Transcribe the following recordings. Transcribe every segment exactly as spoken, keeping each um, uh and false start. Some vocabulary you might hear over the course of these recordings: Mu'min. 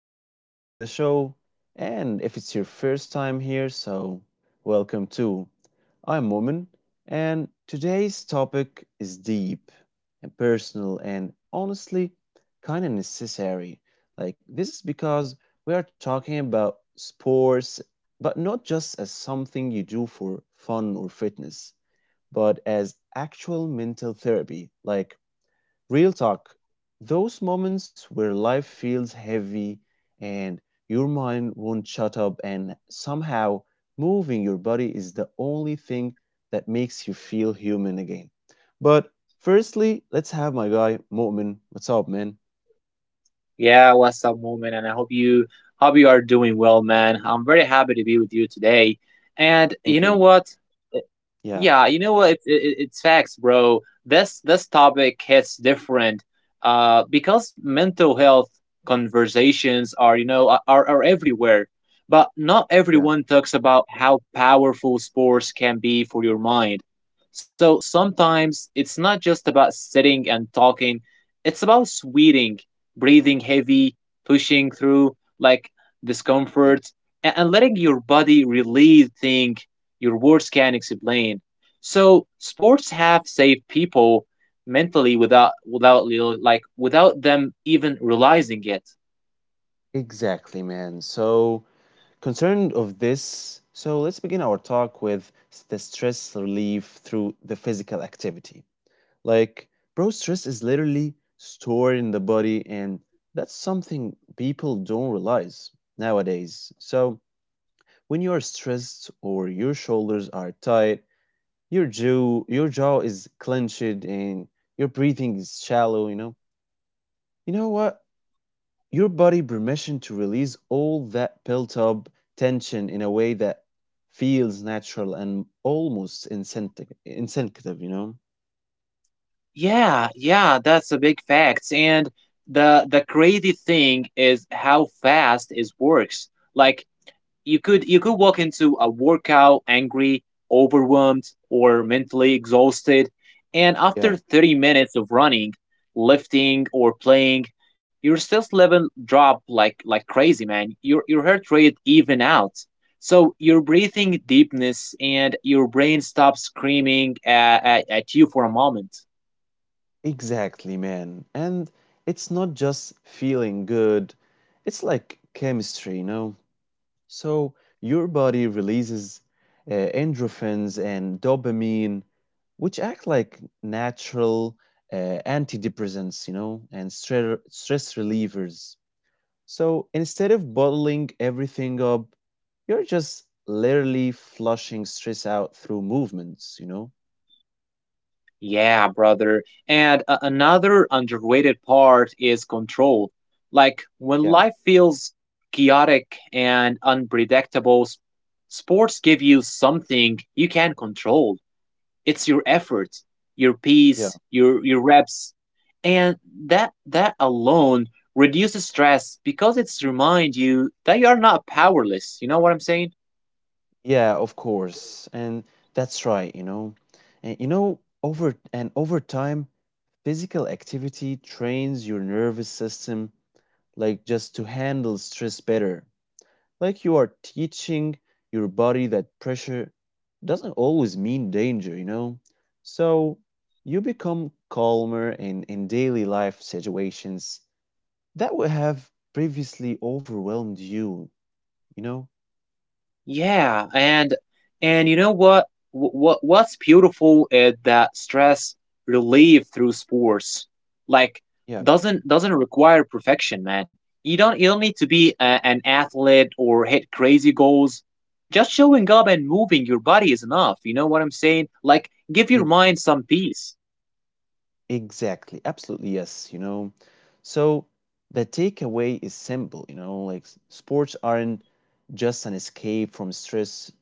Welcome back to the show. And if it's your first time here, so welcome too. I'm Woman, and today's topic is deep and personal and honestly kind of necessary. Like, this is because we are talking about sports, but not just as something you do for fun or fitness, but as actual mental therapy. Like, real talk, those moments where life feels heavy and your mind won't shut up, and somehow moving your body is the only thing that makes you feel human again. But Firstly, let's have my guy, Mu'min. What's up, man? Yeah, what's up, moment? And I hope you hope you are doing well, man. I'm very happy to be with you today. And you Thank know you. what? Yeah, Yeah, you know what? It's it, it- it's facts, bro. This this topic hits different, uh, because mental health conversations are you know are are are everywhere, but not yeah, everyone talks about how powerful sports can be for your mind. So sometimes it's not just about sitting and talking; it's about sweating, breathing heavy, pushing through like yeah. discomfort, and, and letting your body release things your words can explain. So sports have saved people mentally without without real- like without them even realizing it. Exactly, man. So, concerned of this, so let's begin our talk with s- the stress relief through the physical activity. Like, bro, stress is literally stored in the body, and that's something people don't realize nowadays. So, when you are stressed or your shoulders are tight, your jaw your jaw is clenched and your breathing is shallow, you know. You know what? Your body permission to release all that built up tension in a way that feels natural and almost instinct instinctive, you know? Yeah, yeah, that's a big fact. And the the crazy thing is how fast it works. Like you could you could walk into a workout angry, overwhelmed, or mentally exhausted, and after Yeah. thirty minutes of running, lifting, or playing, your stress level drop like like crazy, man. Your your heart rate even out. So your breathing deepness and your brain stops screaming at, at, at you for a moment. Exactly, man. And it's not just feeling good, it's like chemistry, you know? So your body releases uh, endorphins and dopamine, which act like natural uh, antidepressants, you know, and stre- stress relievers. So instead of bottling everything up, you're just literally flushing stress out through movements, you know? Yeah, brother. And uh, another underrated part is control. Like when Yeah. life feels chaotic and unpredictable, s- sports give you something you can control. It's your effort, your Yeah. pace, your your reps, and that that alone reduces stress because it's remind you that you are not powerless. You know what I'm saying? Yeah, of course. And that's right, you know. And you know, over and over time, physical activity trains your nervous system like just to handle stress better. Like you are teaching your body that pressure doesn't always mean danger, you know. So you become calmer in in daily life situations that would have previously overwhelmed you, you know. Yeah, and and you know what? What what's beautiful is that stress relief through sports, like Yeah. doesn't doesn't require perfection, man. You don't you don't need to be a, an athlete or hit crazy goals. Just showing up and moving your body is enough. You know what I'm saying? Like give your mind some peace. Exactly. Absolutely. Yes. You know, so the takeaway is simple. You know, like s- sports aren't just an escape from stress,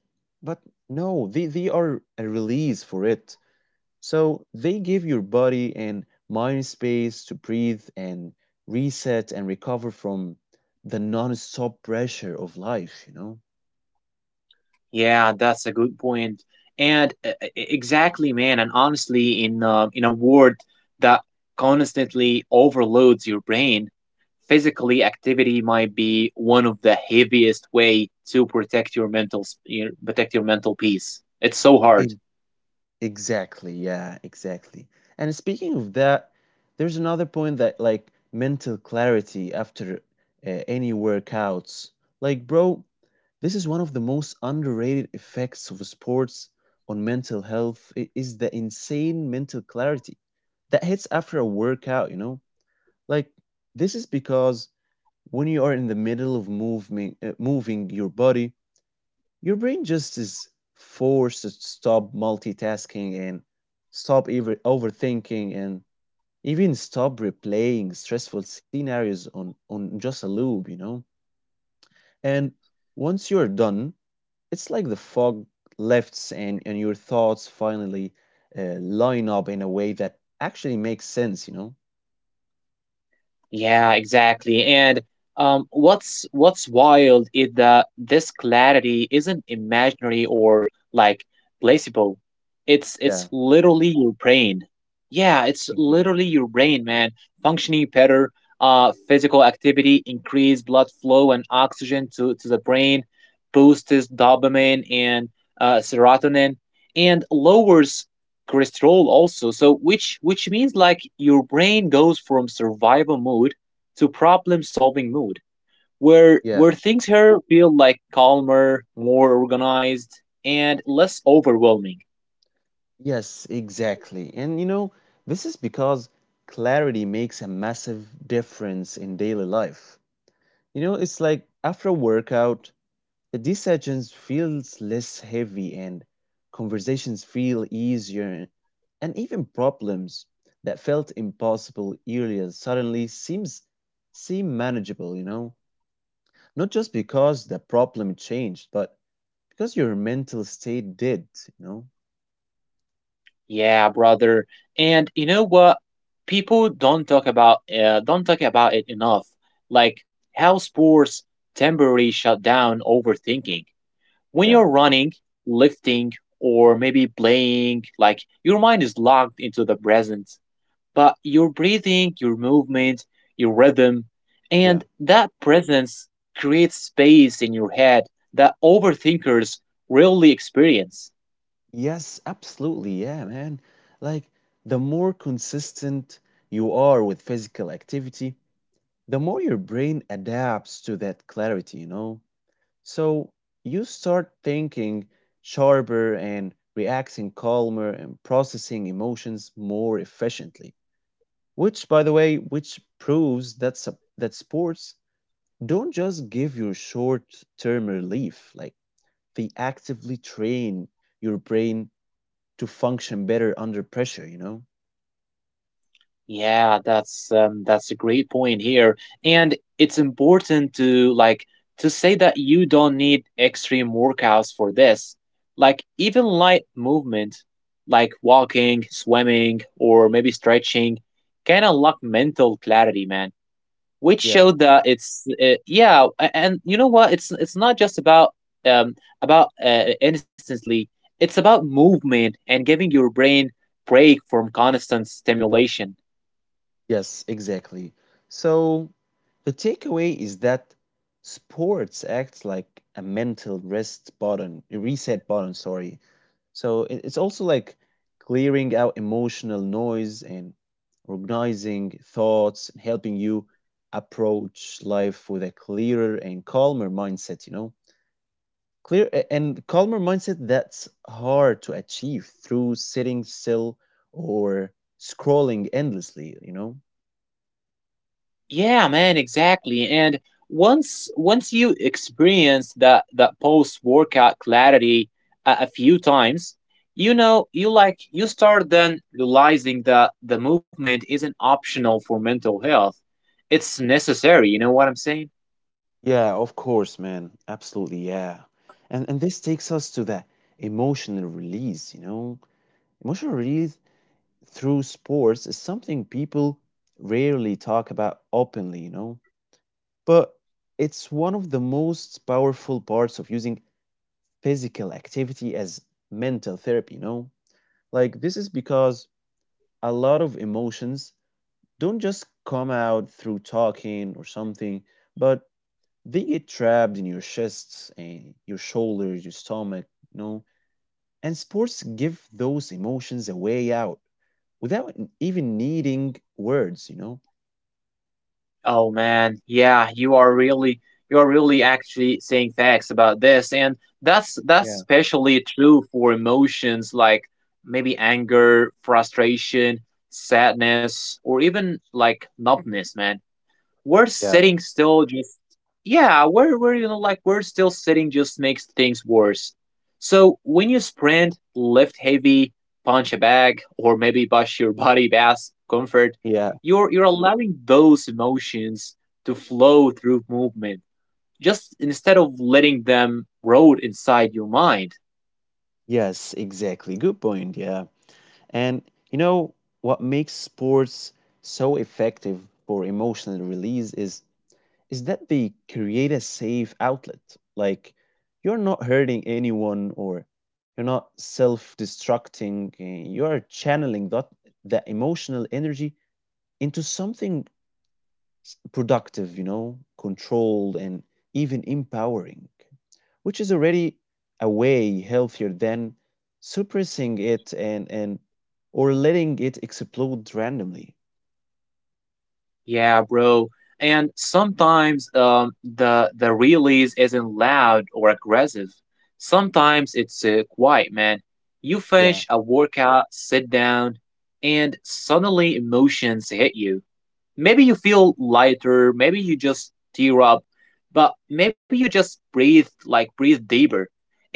but no, they, they are a release for it. So they give your body and mind space to breathe and reset and recover from the non stop pressure of life, you know? Yeah, that's a good point. And uh, e- e-, exactly, man. And honestly, in uh, in a world that constantly overloads your brain, physically activity might be one of the heaviest way to protect your mental s- your, protect your mental peace. It's so hard. E- Exactly. Yeah, exactly. And speaking of that, there's another point that like mental clarity after uh, any workouts. Like, bro, this is one of the most underrated effects of sports on mental health. It is the insane mental clarity that hits after a workout, you know? Like this is because when you are in the middle of moving uh, moving your body, your brain just is forced to stop multitasking and stop ever overthinking and even stop replaying stressful scenarios on on just a loop, you know? And once you're done, it's like the fog lifts and, and your thoughts finally uh, line up in a way that actually makes sense, you know? Yeah, exactly. And um, what's what's wild is that this clarity isn't imaginary or like placebo. It's Yeah, it's literally your brain. Yeah, it's exactly. literally your brain, man, functioning better. Uh, physical activity increase blood flow and oxygen to, to the brain, boosts dopamine and uh, serotonin, and lowers cholesterol also. So which which means like your brain goes from survival mode to problem solving mode, where Yeah. where things here feel like calmer, more organized, and less overwhelming. Yes, exactly. And you know, this is because clarity makes a massive difference in daily life. You know, it's like after a workout, the decisions feels less heavy and conversations feel easier and even problems that felt impossible earlier suddenly seems seem manageable, you know? Not just because the problem changed, but because your mental state did, you know? Yeah, brother. And you know what? People don't talk about uh, don't talk about it enough. Like how sports temporarily shut down overthinking. When Yeah, you're running, lifting, or maybe playing, like your mind is locked into the present, but your breathing, your movement, your rhythm, yeah. and that presence creates space in your head that overthinkers rarely experience. Yes, absolutely. Yeah, man. Like, the more consistent you are with physical activity, the more your brain adapts to that clarity, you know? So you start thinking sharper and reacting calmer and processing emotions more efficiently. Which, by the way, which proves that sup- that sports don't just give you short-term relief. Like they actively train your brain to function better under pressure. You know? Yeah, that's um, that's a great point here, and it's important to like to say that you don't need extreme workouts for this. Like even light movement, like walking, swimming, or maybe stretching, can unlock mental clarity, man, which Yeah. showed that it's uh, yeah, a- and you know what? It's it's not just about um about uh, instantly. It's about movement and giving your brain break from constant stimulation. Yes, exactly. So the takeaway is that sports acts like a mental rest button, a reset button, sorry. So it- it's also like clearing out emotional noise and organizing thoughts and helping you approach life with a clearer and calmer mindset, you know? Clear a- and calmer mindset that's hard to achieve through sitting still or scrolling endlessly, you know? Yeah, man, exactly. And once once you experience that that post workout clarity a, a few times, you know, you like you start then realizing that the movement isn't optional for mental health. It's necessary, you know what I'm saying? Yeah, of course, man. Absolutely, yeah. And and this takes us to that emotional release, you know. Emotional release through sports is something people rarely talk about openly, you know. But it's one of the most powerful parts of using physical activity as mental therapy, you know. Like this is because a lot of emotions don't just come out through talking or something, but they get trapped in your chest and your shoulders, your stomach, you know. And sports give those emotions a way out without n- even needing words, you know. Oh man, yeah, you are really you are really actually saying facts about this, and that's that's Yeah. especially true for emotions like maybe anger, frustration, sadness, or even like numbness, man, we're Yeah. sitting still just yeah we're, we're you know like we're still sitting just makes things worse. So when you sprint, lift heavy, punch a bag, or maybe push your body past comfort, Yeah. you're you're allowing those emotions to flow through movement just instead of letting them rot inside your mind. Yes, exactly. Good point. Yeah. And you know what makes sports so effective for emotional release is is that they create a safe outlet. Like you're not hurting anyone or you're not self-destructing. eh, You're channeling that that emotional energy into something productive, you know, controlled and even empowering, which is already a way healthier than suppressing it and and or letting it explode randomly. Yeah, bro. And sometimes um, the the release isn't loud or aggressive. Sometimes it's uh, quiet, man. You Yeah. finish a workout, sit down, and suddenly emotions hit you. Maybe you feel lighter. Maybe you just tear up, but maybe you just breathe like breathe deeper.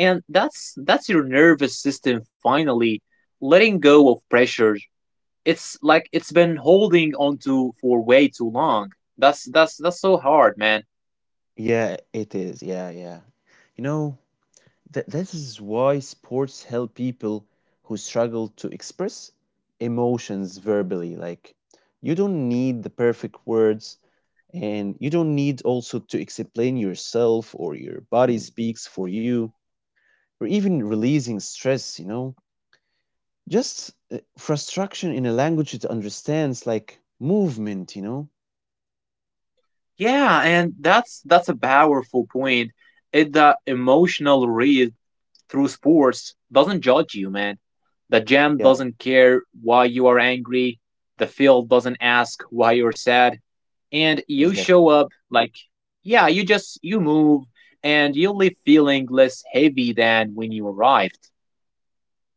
And that's that's your nervous system finally letting go of pressure it's like it's been holding onto for way too long. That's that's that's so hard, man. Yeah, it is. Yeah, yeah. You know, that this is why sports help people who struggle to express emotions verbally. Like you don't need the perfect words and you don't need also to explain yourself or your body — mm — speaks for you or even releasing stress, you know. Just uh, frustration in a language it understands like movement, you know. Yeah, and that's that's a powerful point. It the emotional read through sports doesn't judge you, man. The gym Yeah, doesn't care why you are angry. The field doesn't ask why you're sad. And you exactly. show up like, yeah, you just you move and you leave feeling less heavy than when you arrived.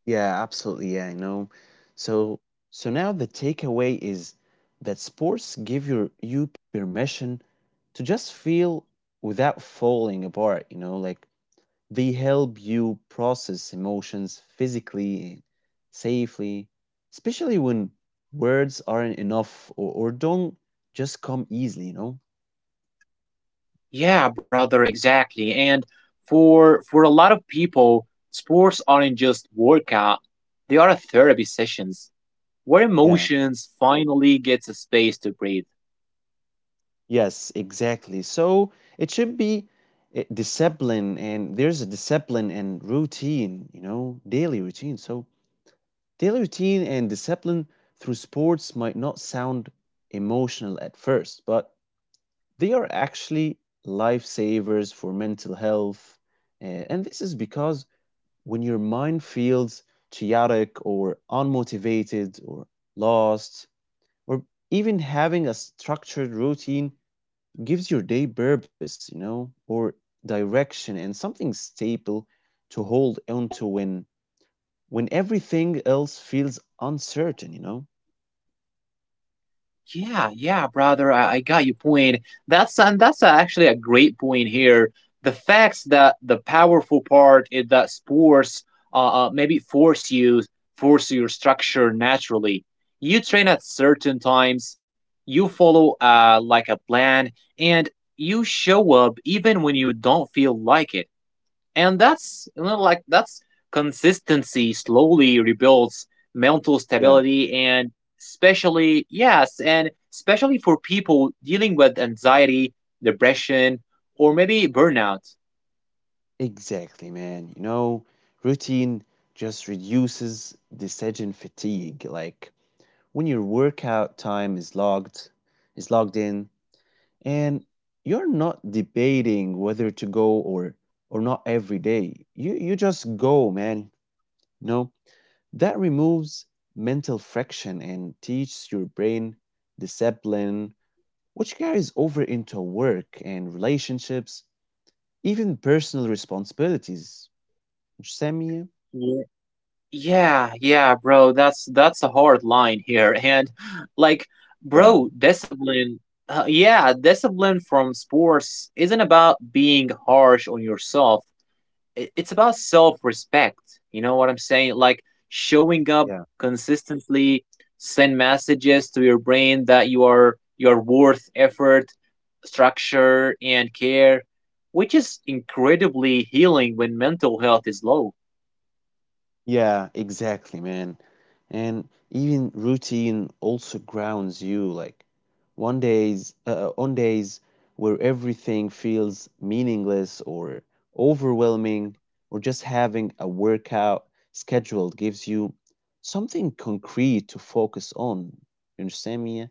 Yeah, absolutely. Yeah, I know. So so now the takeaway is that sports give your you permission to just feel without falling apart, you know, like they help you process emotions physically, safely, especially when words aren't enough or, or don't just come easily, you know? Yeah, brother, exactly. And for for a lot of people, sports aren't just workout. They are therapy sessions where Yeah. emotions finally gets a space to breathe. Yes, exactly. So it should be uh, discipline, and there's a discipline and routine, you know, daily routine. So daily routine and discipline through sports might not sound emotional at first, but they are actually lifesavers for mental health. Uh, and this is because when your mind feels chaotic or unmotivated or lost, or even having a structured routine gives your day purpose, you know, or direction and something stable to hold on to when when everything else feels uncertain, you know? Yeah, yeah, brother, I, I got your point. That's and that's actually a great point here. The facts that the powerful part is that sports uh, uh maybe force you force your structure naturally. You train at certain times, you follow uh like a plan, and you show up even when you don't feel like it, and that's you know like that's consistency slowly rebuilds mental Yeah, stability and especially yes and especially for people dealing with anxiety, depression, or maybe burnout. exactly, man. You know, routine just reduces decision fatigue. Like when your workout time is logged, is logged in, and you're not debating whether to go or or not every day. You you just go, man. No that removes mental friction and teaches your brain discipline, which carries over into work and relationships, even personal responsibilities. Sami, Ye- yeah, yeah, bro, that's that's a hard line here, and like, yeah, bro, discipline, uh, yeah discipline from sports isn't about being harsh on yourself. It's about self-respect, you know what I'm saying? Like showing up yeah. consistently send messages to your brain that you are you are worth effort, structure, and care, which is incredibly healing when mental health is low. Yeah, exactly, man. And even routine also grounds you. Like one days, uh, uh, on days where everything feels meaningless or overwhelming, or just having a workout scheduled gives you something concrete to focus on. You understand me, yeah?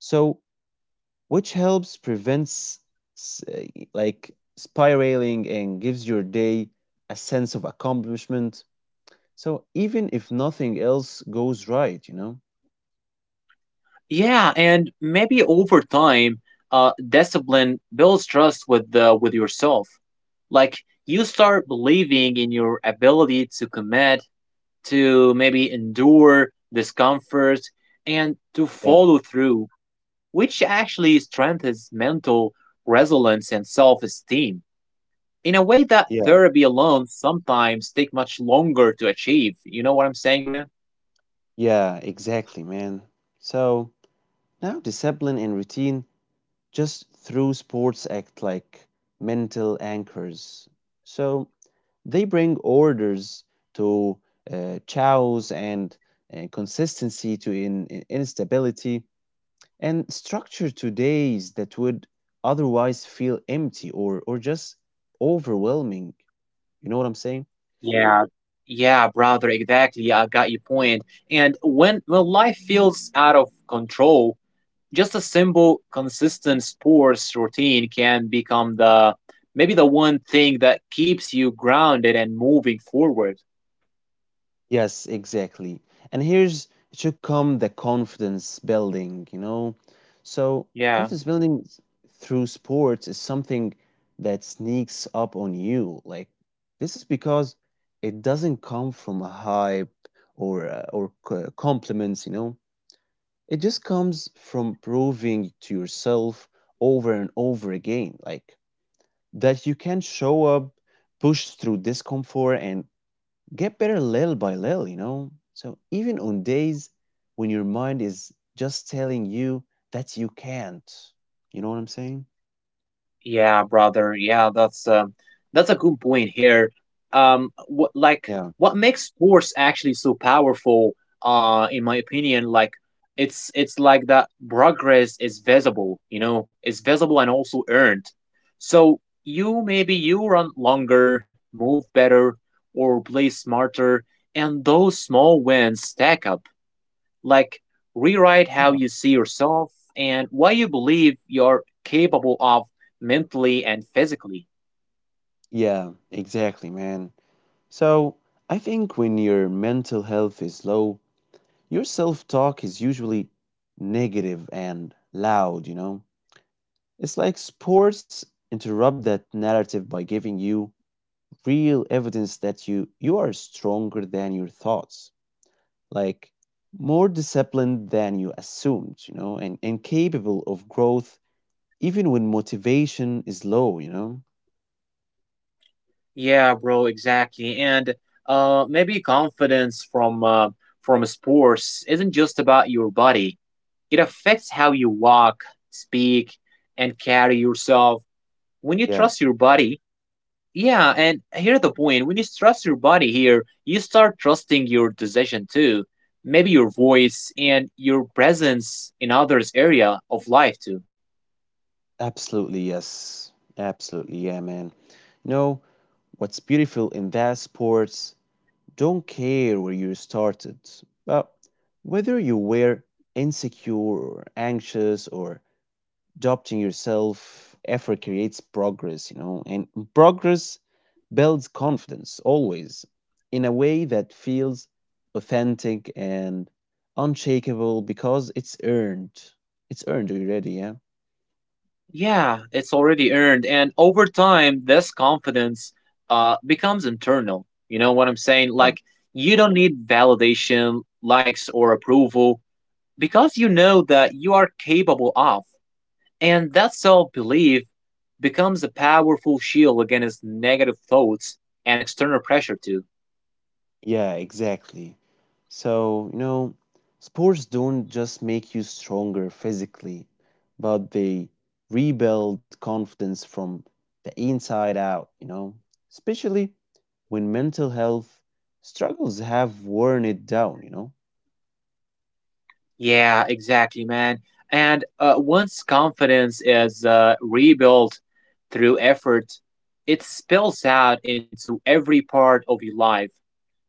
So, which helps prevents s- uh, like spiraling and gives your day a sense of accomplishment so even if nothing else goes right, you know? Yeah, and maybe over time, uh discipline builds trust with uh, with yourself. Like you start believing in your ability to commit to maybe endure discomfort and to Yeah, follow through, which actually strengthens mental resilience and self esteem in a way that yeah. therapy alone sometimes take much longer to achieve. You know what I'm saying, man? Yeah, exactly, man. So now discipline and routine just through sports act like mental anchors. So they bring orders to uh, chaos and uh, consistency to in, in- instability and structure to days that would otherwise feel empty or, or just overwhelming. You know what I'm saying? Yeah, yeah, brother, exactly. I got your point. And when when life feels out of control, just a simple, consistent sports routine can become the maybe the one thing that keeps you grounded and moving forward. Yes, exactly. And here's should come the confidence building, you know? So, Yeah. confidence building s- through sports is something that sneaks up on you. Like, this is because it doesn't come from a hype or, uh, or c- compliments, you know? It just comes from proving to yourself over and over again, like, that you can show up, push through discomfort, and get better little by little, you know? So even on days when your mind is just telling you that you can't, you know what I'm saying? Yeah, brother. Yeah, that's um, that's a good point here. Um, what like Yeah. what makes sports actually so powerful? Uh, in my opinion, like it's it's like that progress is visible. You know, it's visible and also earned. So you maybe you run longer, move better, or play smarter, and those small wins stack up like rewrite how Yeah. you see yourself and what you believe you're capable of mentally and physically. Yeah, exactly, man. So I think when your mental health is low, your self talk is usually negative and loud, you know? It's like sports interrupt that narrative by giving you real evidence that you you are stronger than your thoughts, like more disciplined than you assumed, you know, and, and capable of growth even when motivation is low, you know. Yeah, bro, exactly. And uh, maybe confidence from uh, from sports isn't just about your body. It affects how you walk, speak, and carry yourself. When you Yeah, trust your body, yeah, and here's the point. When you trust your body here, you start trusting your decision too. Maybe your voice and your presence in others' area of life too. absolutely. Yes, absolutely. Yeah, man. You know what's beautiful in that sports don't care where you started, but whether you were insecure or anxious or doubting yourself, effort creates progress, you know, and progress builds confidence always in a way that feels authentic and unshakable because it's earned. It's earned already, yeah? Yeah, it's already earned. And over time, this confidence uh, becomes internal. You know what I'm saying? Yeah. Like, you don't need validation, likes, or approval because you know that you are capable of. And that self belief becomes a powerful shield against negative thoughts and external pressure, too. Yeah, exactly. So, you know, sports don't just make you stronger physically, but they rebuild confidence from the inside out, you know, especially when mental health struggles have worn it down, you know? Yeah, exactly, man. And uh, once confidence is uh, rebuilt through effort, it spills out into every part of your life,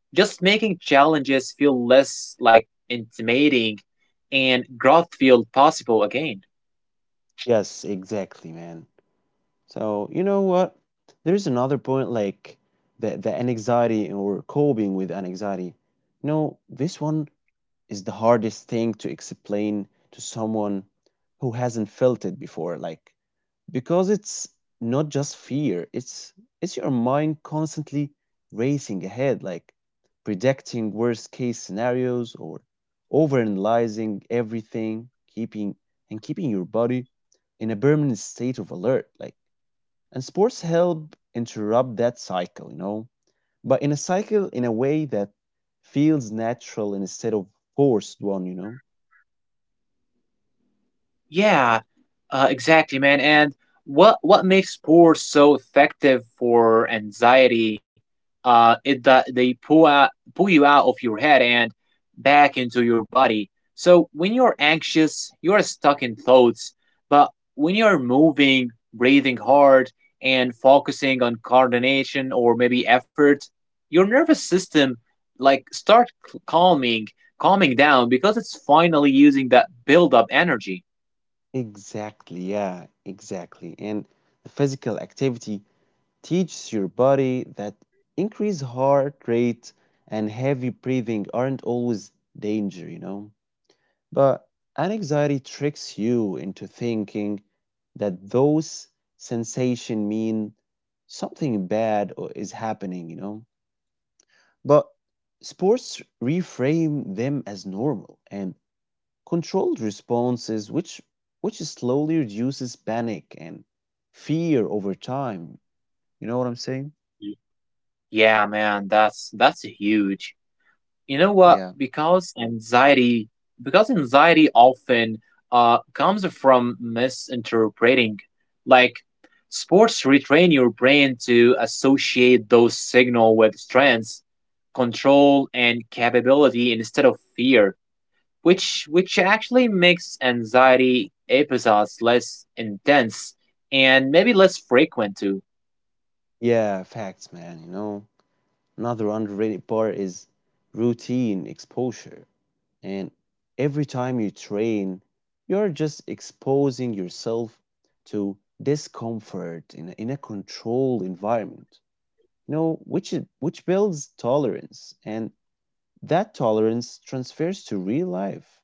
just making challenges feel less like intimidating and growth feel possible again. Yes, exactly, man. So, you know what? There's another point like the, the anxiety or coping with anxiety. You know, this one is the hardest thing to explain to someone who hasn't felt it before, like because it's not just fear, it's it's your mind constantly racing ahead, like predicting worst case scenarios or overanalyzing everything, keeping and keeping your body in a permanent state of alert, like. And sports help interrupt that cycle, you know, but in a cycle in a way that feels natural instead of forced one, you know. Yeah, uh, exactly, man. And what what makes sports so effective for anxiety? Uh, it that they pull out pull you out of your head and back into your body. So when you're anxious, you are stuck in thoughts. But when you are moving, breathing hard, and focusing on coordination or maybe effort, your nervous system like start calming calming down because it's finally using that build up energy. Exactly, yeah, exactly. And the physical activity teaches your body that increased heart rate and heavy breathing aren't always danger, you know. But anxiety tricks you into thinking that those sensation mean something bad or is happening, you know. But sports reframe them as normal and controlled responses, which which slowly reduces panic and fear over time. You know what I'm saying? Yeah, man, that's that's huge. You know what? Yeah. Because anxiety, because anxiety often uh comes from misinterpreting. Like sports retrain your brain to associate those signal with strength, control, and capability instead of fear, which which actually makes anxiety episodes less intense and maybe less frequent too. Yeah, facts, man. You know, another underrated part is routine exposure. And every time you train, you're just exposing yourself to discomfort in a, in a controlled environment. You know, which is, which builds tolerance, and that tolerance transfers to real life,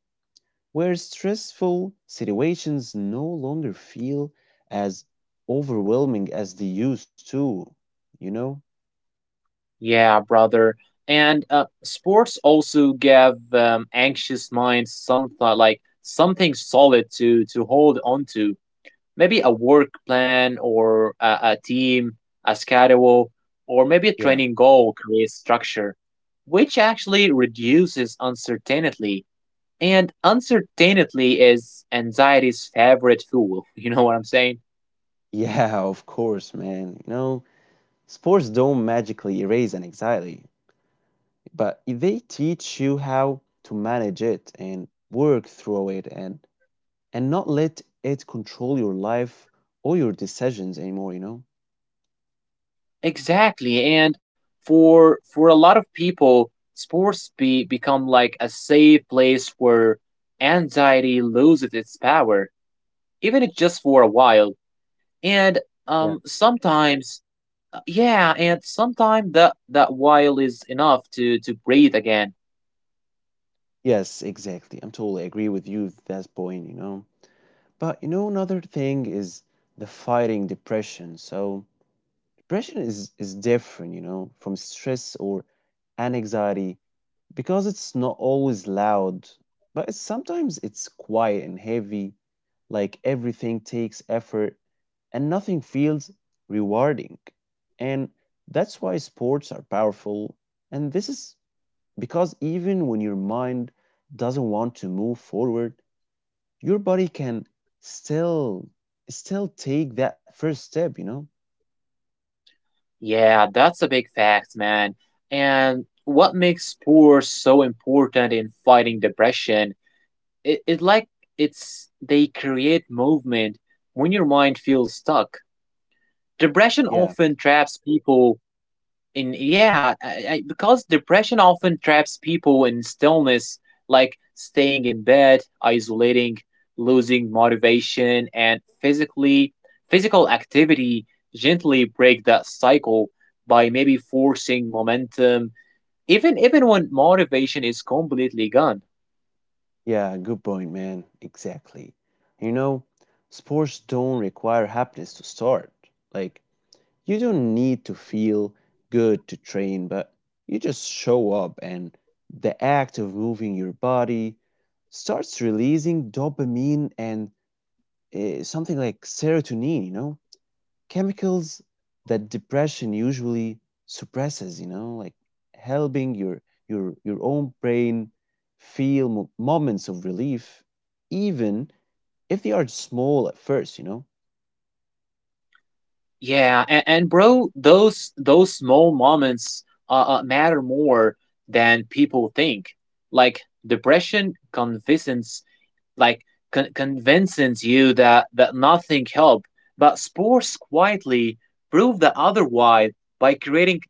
where stressful situations no longer feel as overwhelming as they used to, you know? Yeah, brother. And uh, sports also give um, anxious minds something like something solid to to hold on to. Maybe a work plan or a, a team, a schedule, or maybe a Yeah. training goal creates structure, which actually reduces uncertainty. And uncertainty is anxiety's favorite fuel. You know what I'm saying? Yeah, of course, man. You know, sports don't magically erase an anxiety, but they teach you how to manage it and work through it and and not let it control your life or your decisions anymore, you know? Exactly. And for for a lot of people, sports be become like a safe place where anxiety loses its power, even if just for a while. And Yeah. um sometimes uh, yeah, and sometimes that that while is enough to to breathe again. Yes, exactly. I'm totally agree with you at that point, you know. But you know, another thing is the fighting depression. So depression is is different, you know, from stress or anxiety, because it's not always loud, but it's, sometimes it's quiet and heavy, like everything takes effort and nothing feels rewarding. And that's why sports are powerful. And this is because even when your mind doesn't want to move forward, your body can still still take that first step, you know. Yeah, that's a big fact, man. And what makes sports so important in fighting depression, it, it like it's they create movement when your mind feels stuck. Depression Yeah. often traps people in yeah, I, I, because depression often traps people in stillness, like staying in bed, isolating, losing motivation, and physically physical activity gently break that cycle by maybe forcing momentum even even when motivation is completely gone. Yeah, good point, man, exactly. You know, sports don't require happiness to start. Like, you don't need to feel good to train, but you just show up and the act of moving your body starts releasing dopamine and uh, something like serotonin, you know, chemicals that depression usually suppresses, you know, like helping your your your own brain feel mo- moments of relief, even if they are small at first, you know. Yeah, and, and bro, those those small moments uh, uh, matter more than people think. Like depression convinces, like con- convinces you that that nothing helped, but sports quietly prove the otherwise by creating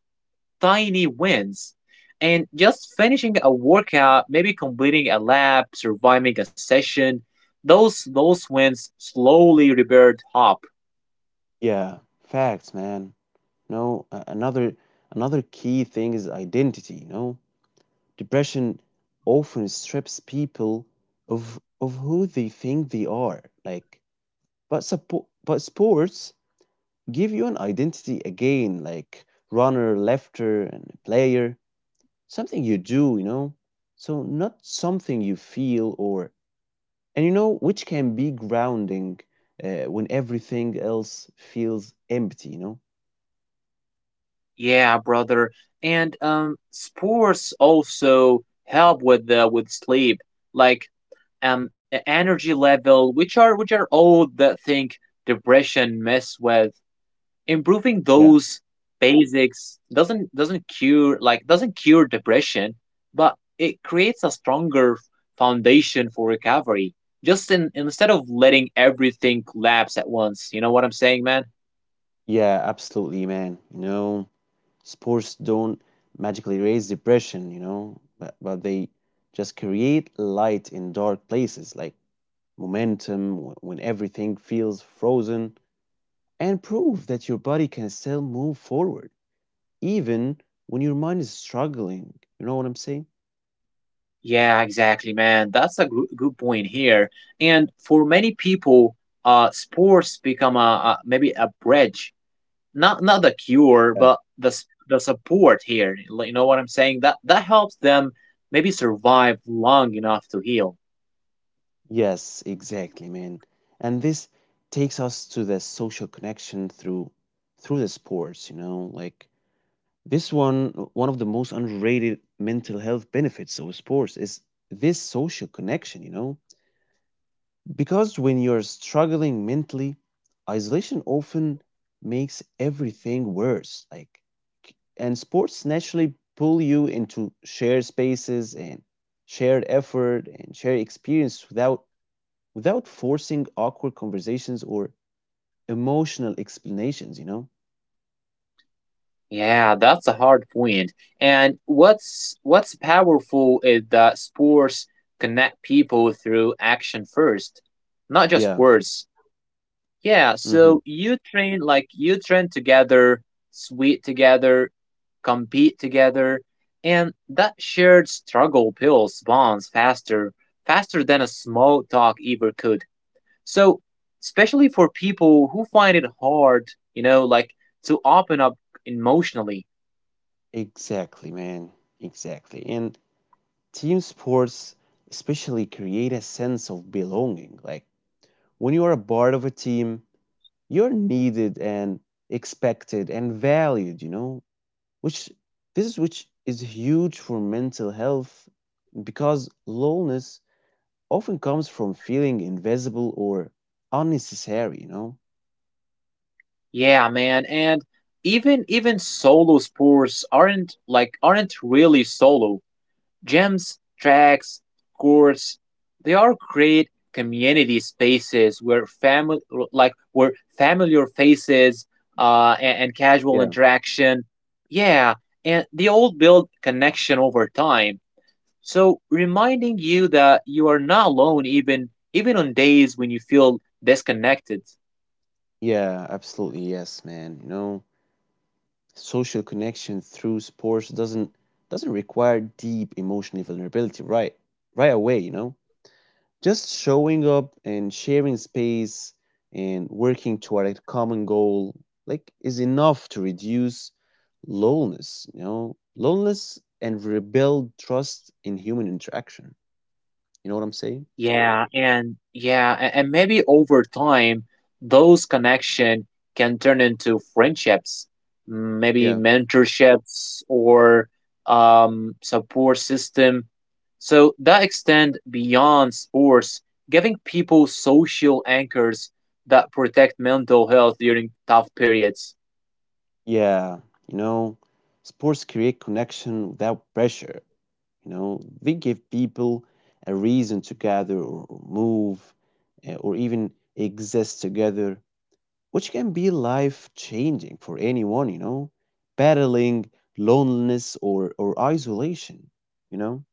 tiny wins, and just finishing a workout, maybe completing a lab, surviving a session. Those those wins slowly rebuild hope. Yeah, facts, man. No a- another Another key thing is identity, you know. Depression often strips people of of who they think they are, like. But support but sports give you an identity again, like runner, lefter, and player, something you do, you know? So, not something you feel or, and you know, which can be grounding uh, when everything else feels empty, you know? Yeah, brother. And um, sports also help with the with sleep, like um e- energy level, which are which are all the thing depression mess with. Improving Yeah, those basics doesn't doesn't cure like doesn't cure depression, but it creates a stronger foundation for recovery. Just in, instead of letting everything collapse at once. You know what I'm saying, man? yeah, absolutely, man. You know, sports don't magically raise depression, you know, but, but they just create light in dark places, like momentum wh- when everything feels frozen, and prove that your body can still move forward even when your mind is struggling. You know what I'm saying? Yeah, exactly, man. That's a gr- good point here. And for many people, uh, sports become a, a maybe a bridge, not not the Yeah. cure, but the s- the support here. Like, you know what I'm saying? That that helps them maybe survive long enough to heal. Yes, exactly, man. And this takes us to the social connection through through the sports, you know, like this one, one of the most underrated mental health benefits of sports is this social connection, you know? Because when you're struggling mentally, isolation often makes everything worse. Like, k- and sports naturally pull you into shared spaces and shared effort and shared experience without without forcing awkward conversations or emotional explanations. You know? Yeah, that's a hard point. And what's what's powerful is that sports connect people through action first, not just Yeah. words. Yeah, Mm-hmm. so you train like you train together, sweat together, compete together, and that shared struggle builds bonds faster, faster than a small talk ever could. So, especially for people who find it hard, you know, like to open up emotionally. Exactly, man. Exactly. And team sports especially create a sense of belonging. Like when you are a part of a team, you're needed and expected and valued, you know, which this is which is huge for mental health, because loneliness often comes from feeling invisible or unnecessary, you know. Yeah, man, and even even solo sports aren't like aren't really solo. Gyms, tracks, courts, they are great community spaces where family like where familiar faces uh, and, and casual Yeah. interaction. Yeah, and they all build connection over time. So reminding you that you are not alone even even on days when you feel disconnected. Yeah, absolutely, yes, man. You know, social connection through sports doesn't doesn't require deep emotional vulnerability, right right away, you know. Just showing up and sharing space and working toward a common goal, like, is enough to reduce loneliness, you know, loneliness and rebuild trust in human interaction. You know what I'm saying? Yeah, and yeah, a- and maybe over time, those connection can turn into friendships, mm, maybe Yeah. mentorships or um, support system. So that extend beyond sports, giving people social anchors that protect mental health during tough periods. Yeah, you know, sports create connection without pressure. You know, they give people a reason to gather or or move, eh, or even exist together, which can be life changing for anyone, you know, battling loneliness or, or isolation, you know?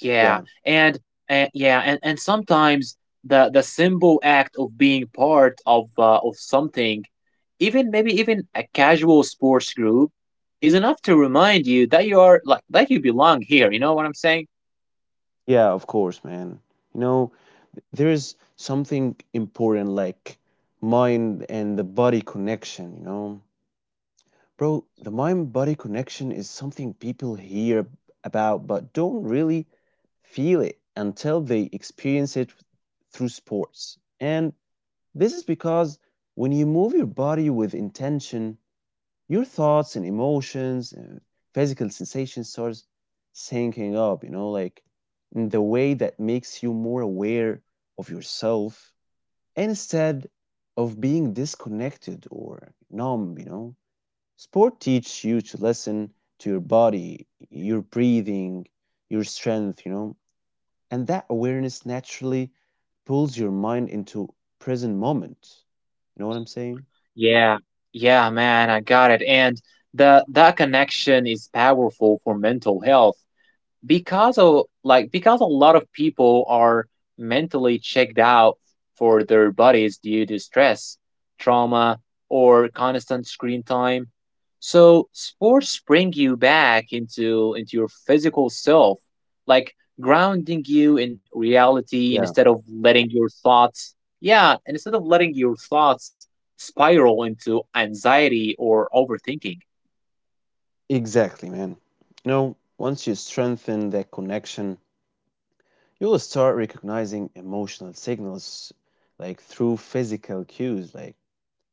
Yeah, Yeah, and, and yeah, and, and sometimes the the simple act of being part of uh, of something, even maybe even a casual sports group, is enough to remind you that you are like that you belong here. You know what I'm saying? yeah, of course, man. You know, there is something important, like mind and the body connection, you know? Bro, the mind body connection is something people hear ab- about but don't really feel it until they experience it through sports. And this is because when you move your body with intention, your thoughts and emotions and physical sensations starts syncing up, you know, like in the way that makes you more aware of yourself instead of being disconnected or numb, you know. Sport teaches you to listen to your body, your breathing, your strength, you know, and that awareness naturally pulls your mind into present moment, you know what I'm saying. Yeah, yeah, man, I got it. And the that connection is powerful for mental health, because of like because a lot of people are mentally checked out for their bodies due to stress, trauma, or constant screen time. So sports bring you back into into your physical self, like grounding you in reality Yeah. instead of letting your thoughts yeah, instead of letting your thoughts spiral into anxiety or overthinking. Exactly, man. You know, once you strengthen that connection, you'll start recognizing emotional signals, like through physical cues, like,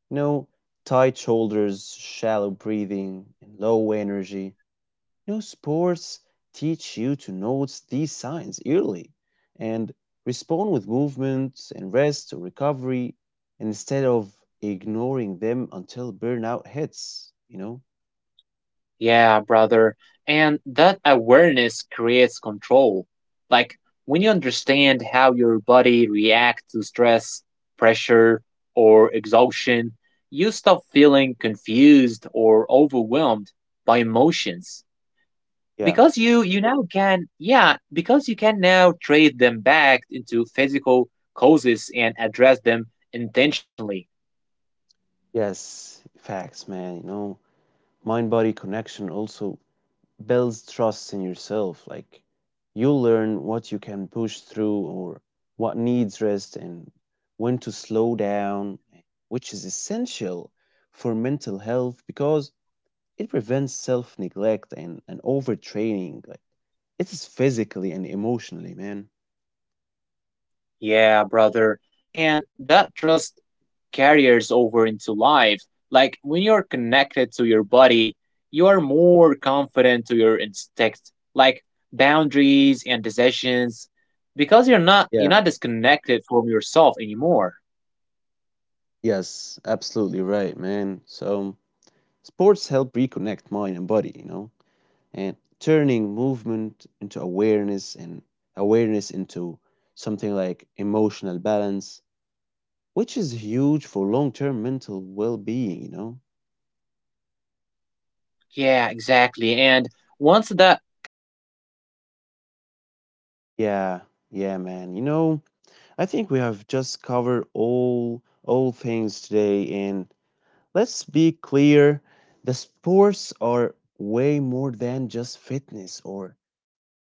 you know, tight shoulders, shallow breathing, and low energy. You know, sports teach you to notice these signs early and respond with movement and rest or recovery instead of ignoring them until burnout hits, you know? Yeah, brother. And that awareness creates control. Like when you understand how your body reacts to stress, pressure, or exhaustion, you stop feeling confused or overwhelmed by emotions. Yeah. Because you you now can yeah, because you can now trade them back into physical causes and address them intentionally. Yes, facts, man. You know, mind body connection also builds trust in yourself. Like, you'll learn what you can push through or what needs rest and when to slow down, which is essential for mental health, because it prevents self neglect and, and overtraining. Like, it's physically and emotionally, man. Yeah, brother. And that trust carries over into life. Like when you're connected to your body, you are more confident to your instincts, like boundaries and decisions, because you're not you're Yeah. not disconnected from yourself anymore. Yes, absolutely right, man. So sports help reconnect mind and body, you know, and turning movement into awareness and awareness into something like emotional balance, which is huge for long-term mental well-being, you know. Yeah, exactly. And once that connection is strong, mental health stop Yeah, feeling yeah, like man. You know, I mysterious think and we start have feeling just like covered manageable. all all things today. And let's be clear, the sports are way more than just fitness or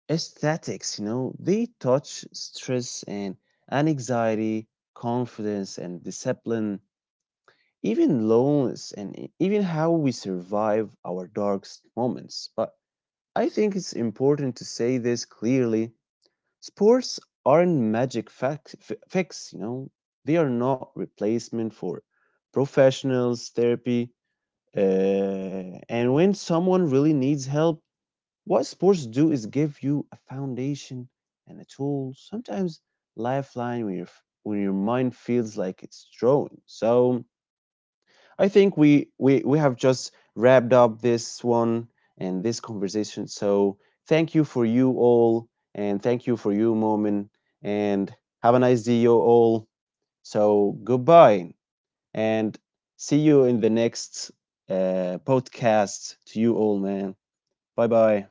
aesthetics, you know, they touch stress and anxiety, confidence and discipline, even loneliness, and e- even how we survive our darkest moments. But I think it's important to say this clearly, sports aren't magic fac- f- fix, you know, they are not replacement for professionals, therapy, uh, and when someone really needs help, what sports do is give you a foundation and a tool, sometimes lifeline when your when your mind feels like it's drawn. So I think we we we have just wrapped up this one and this conversation. So thank you for you all, and thank you for you, Momin, and have a nice day, you all. So goodbye. And see you in the next uh, podcast. To you all, man. Bye bye.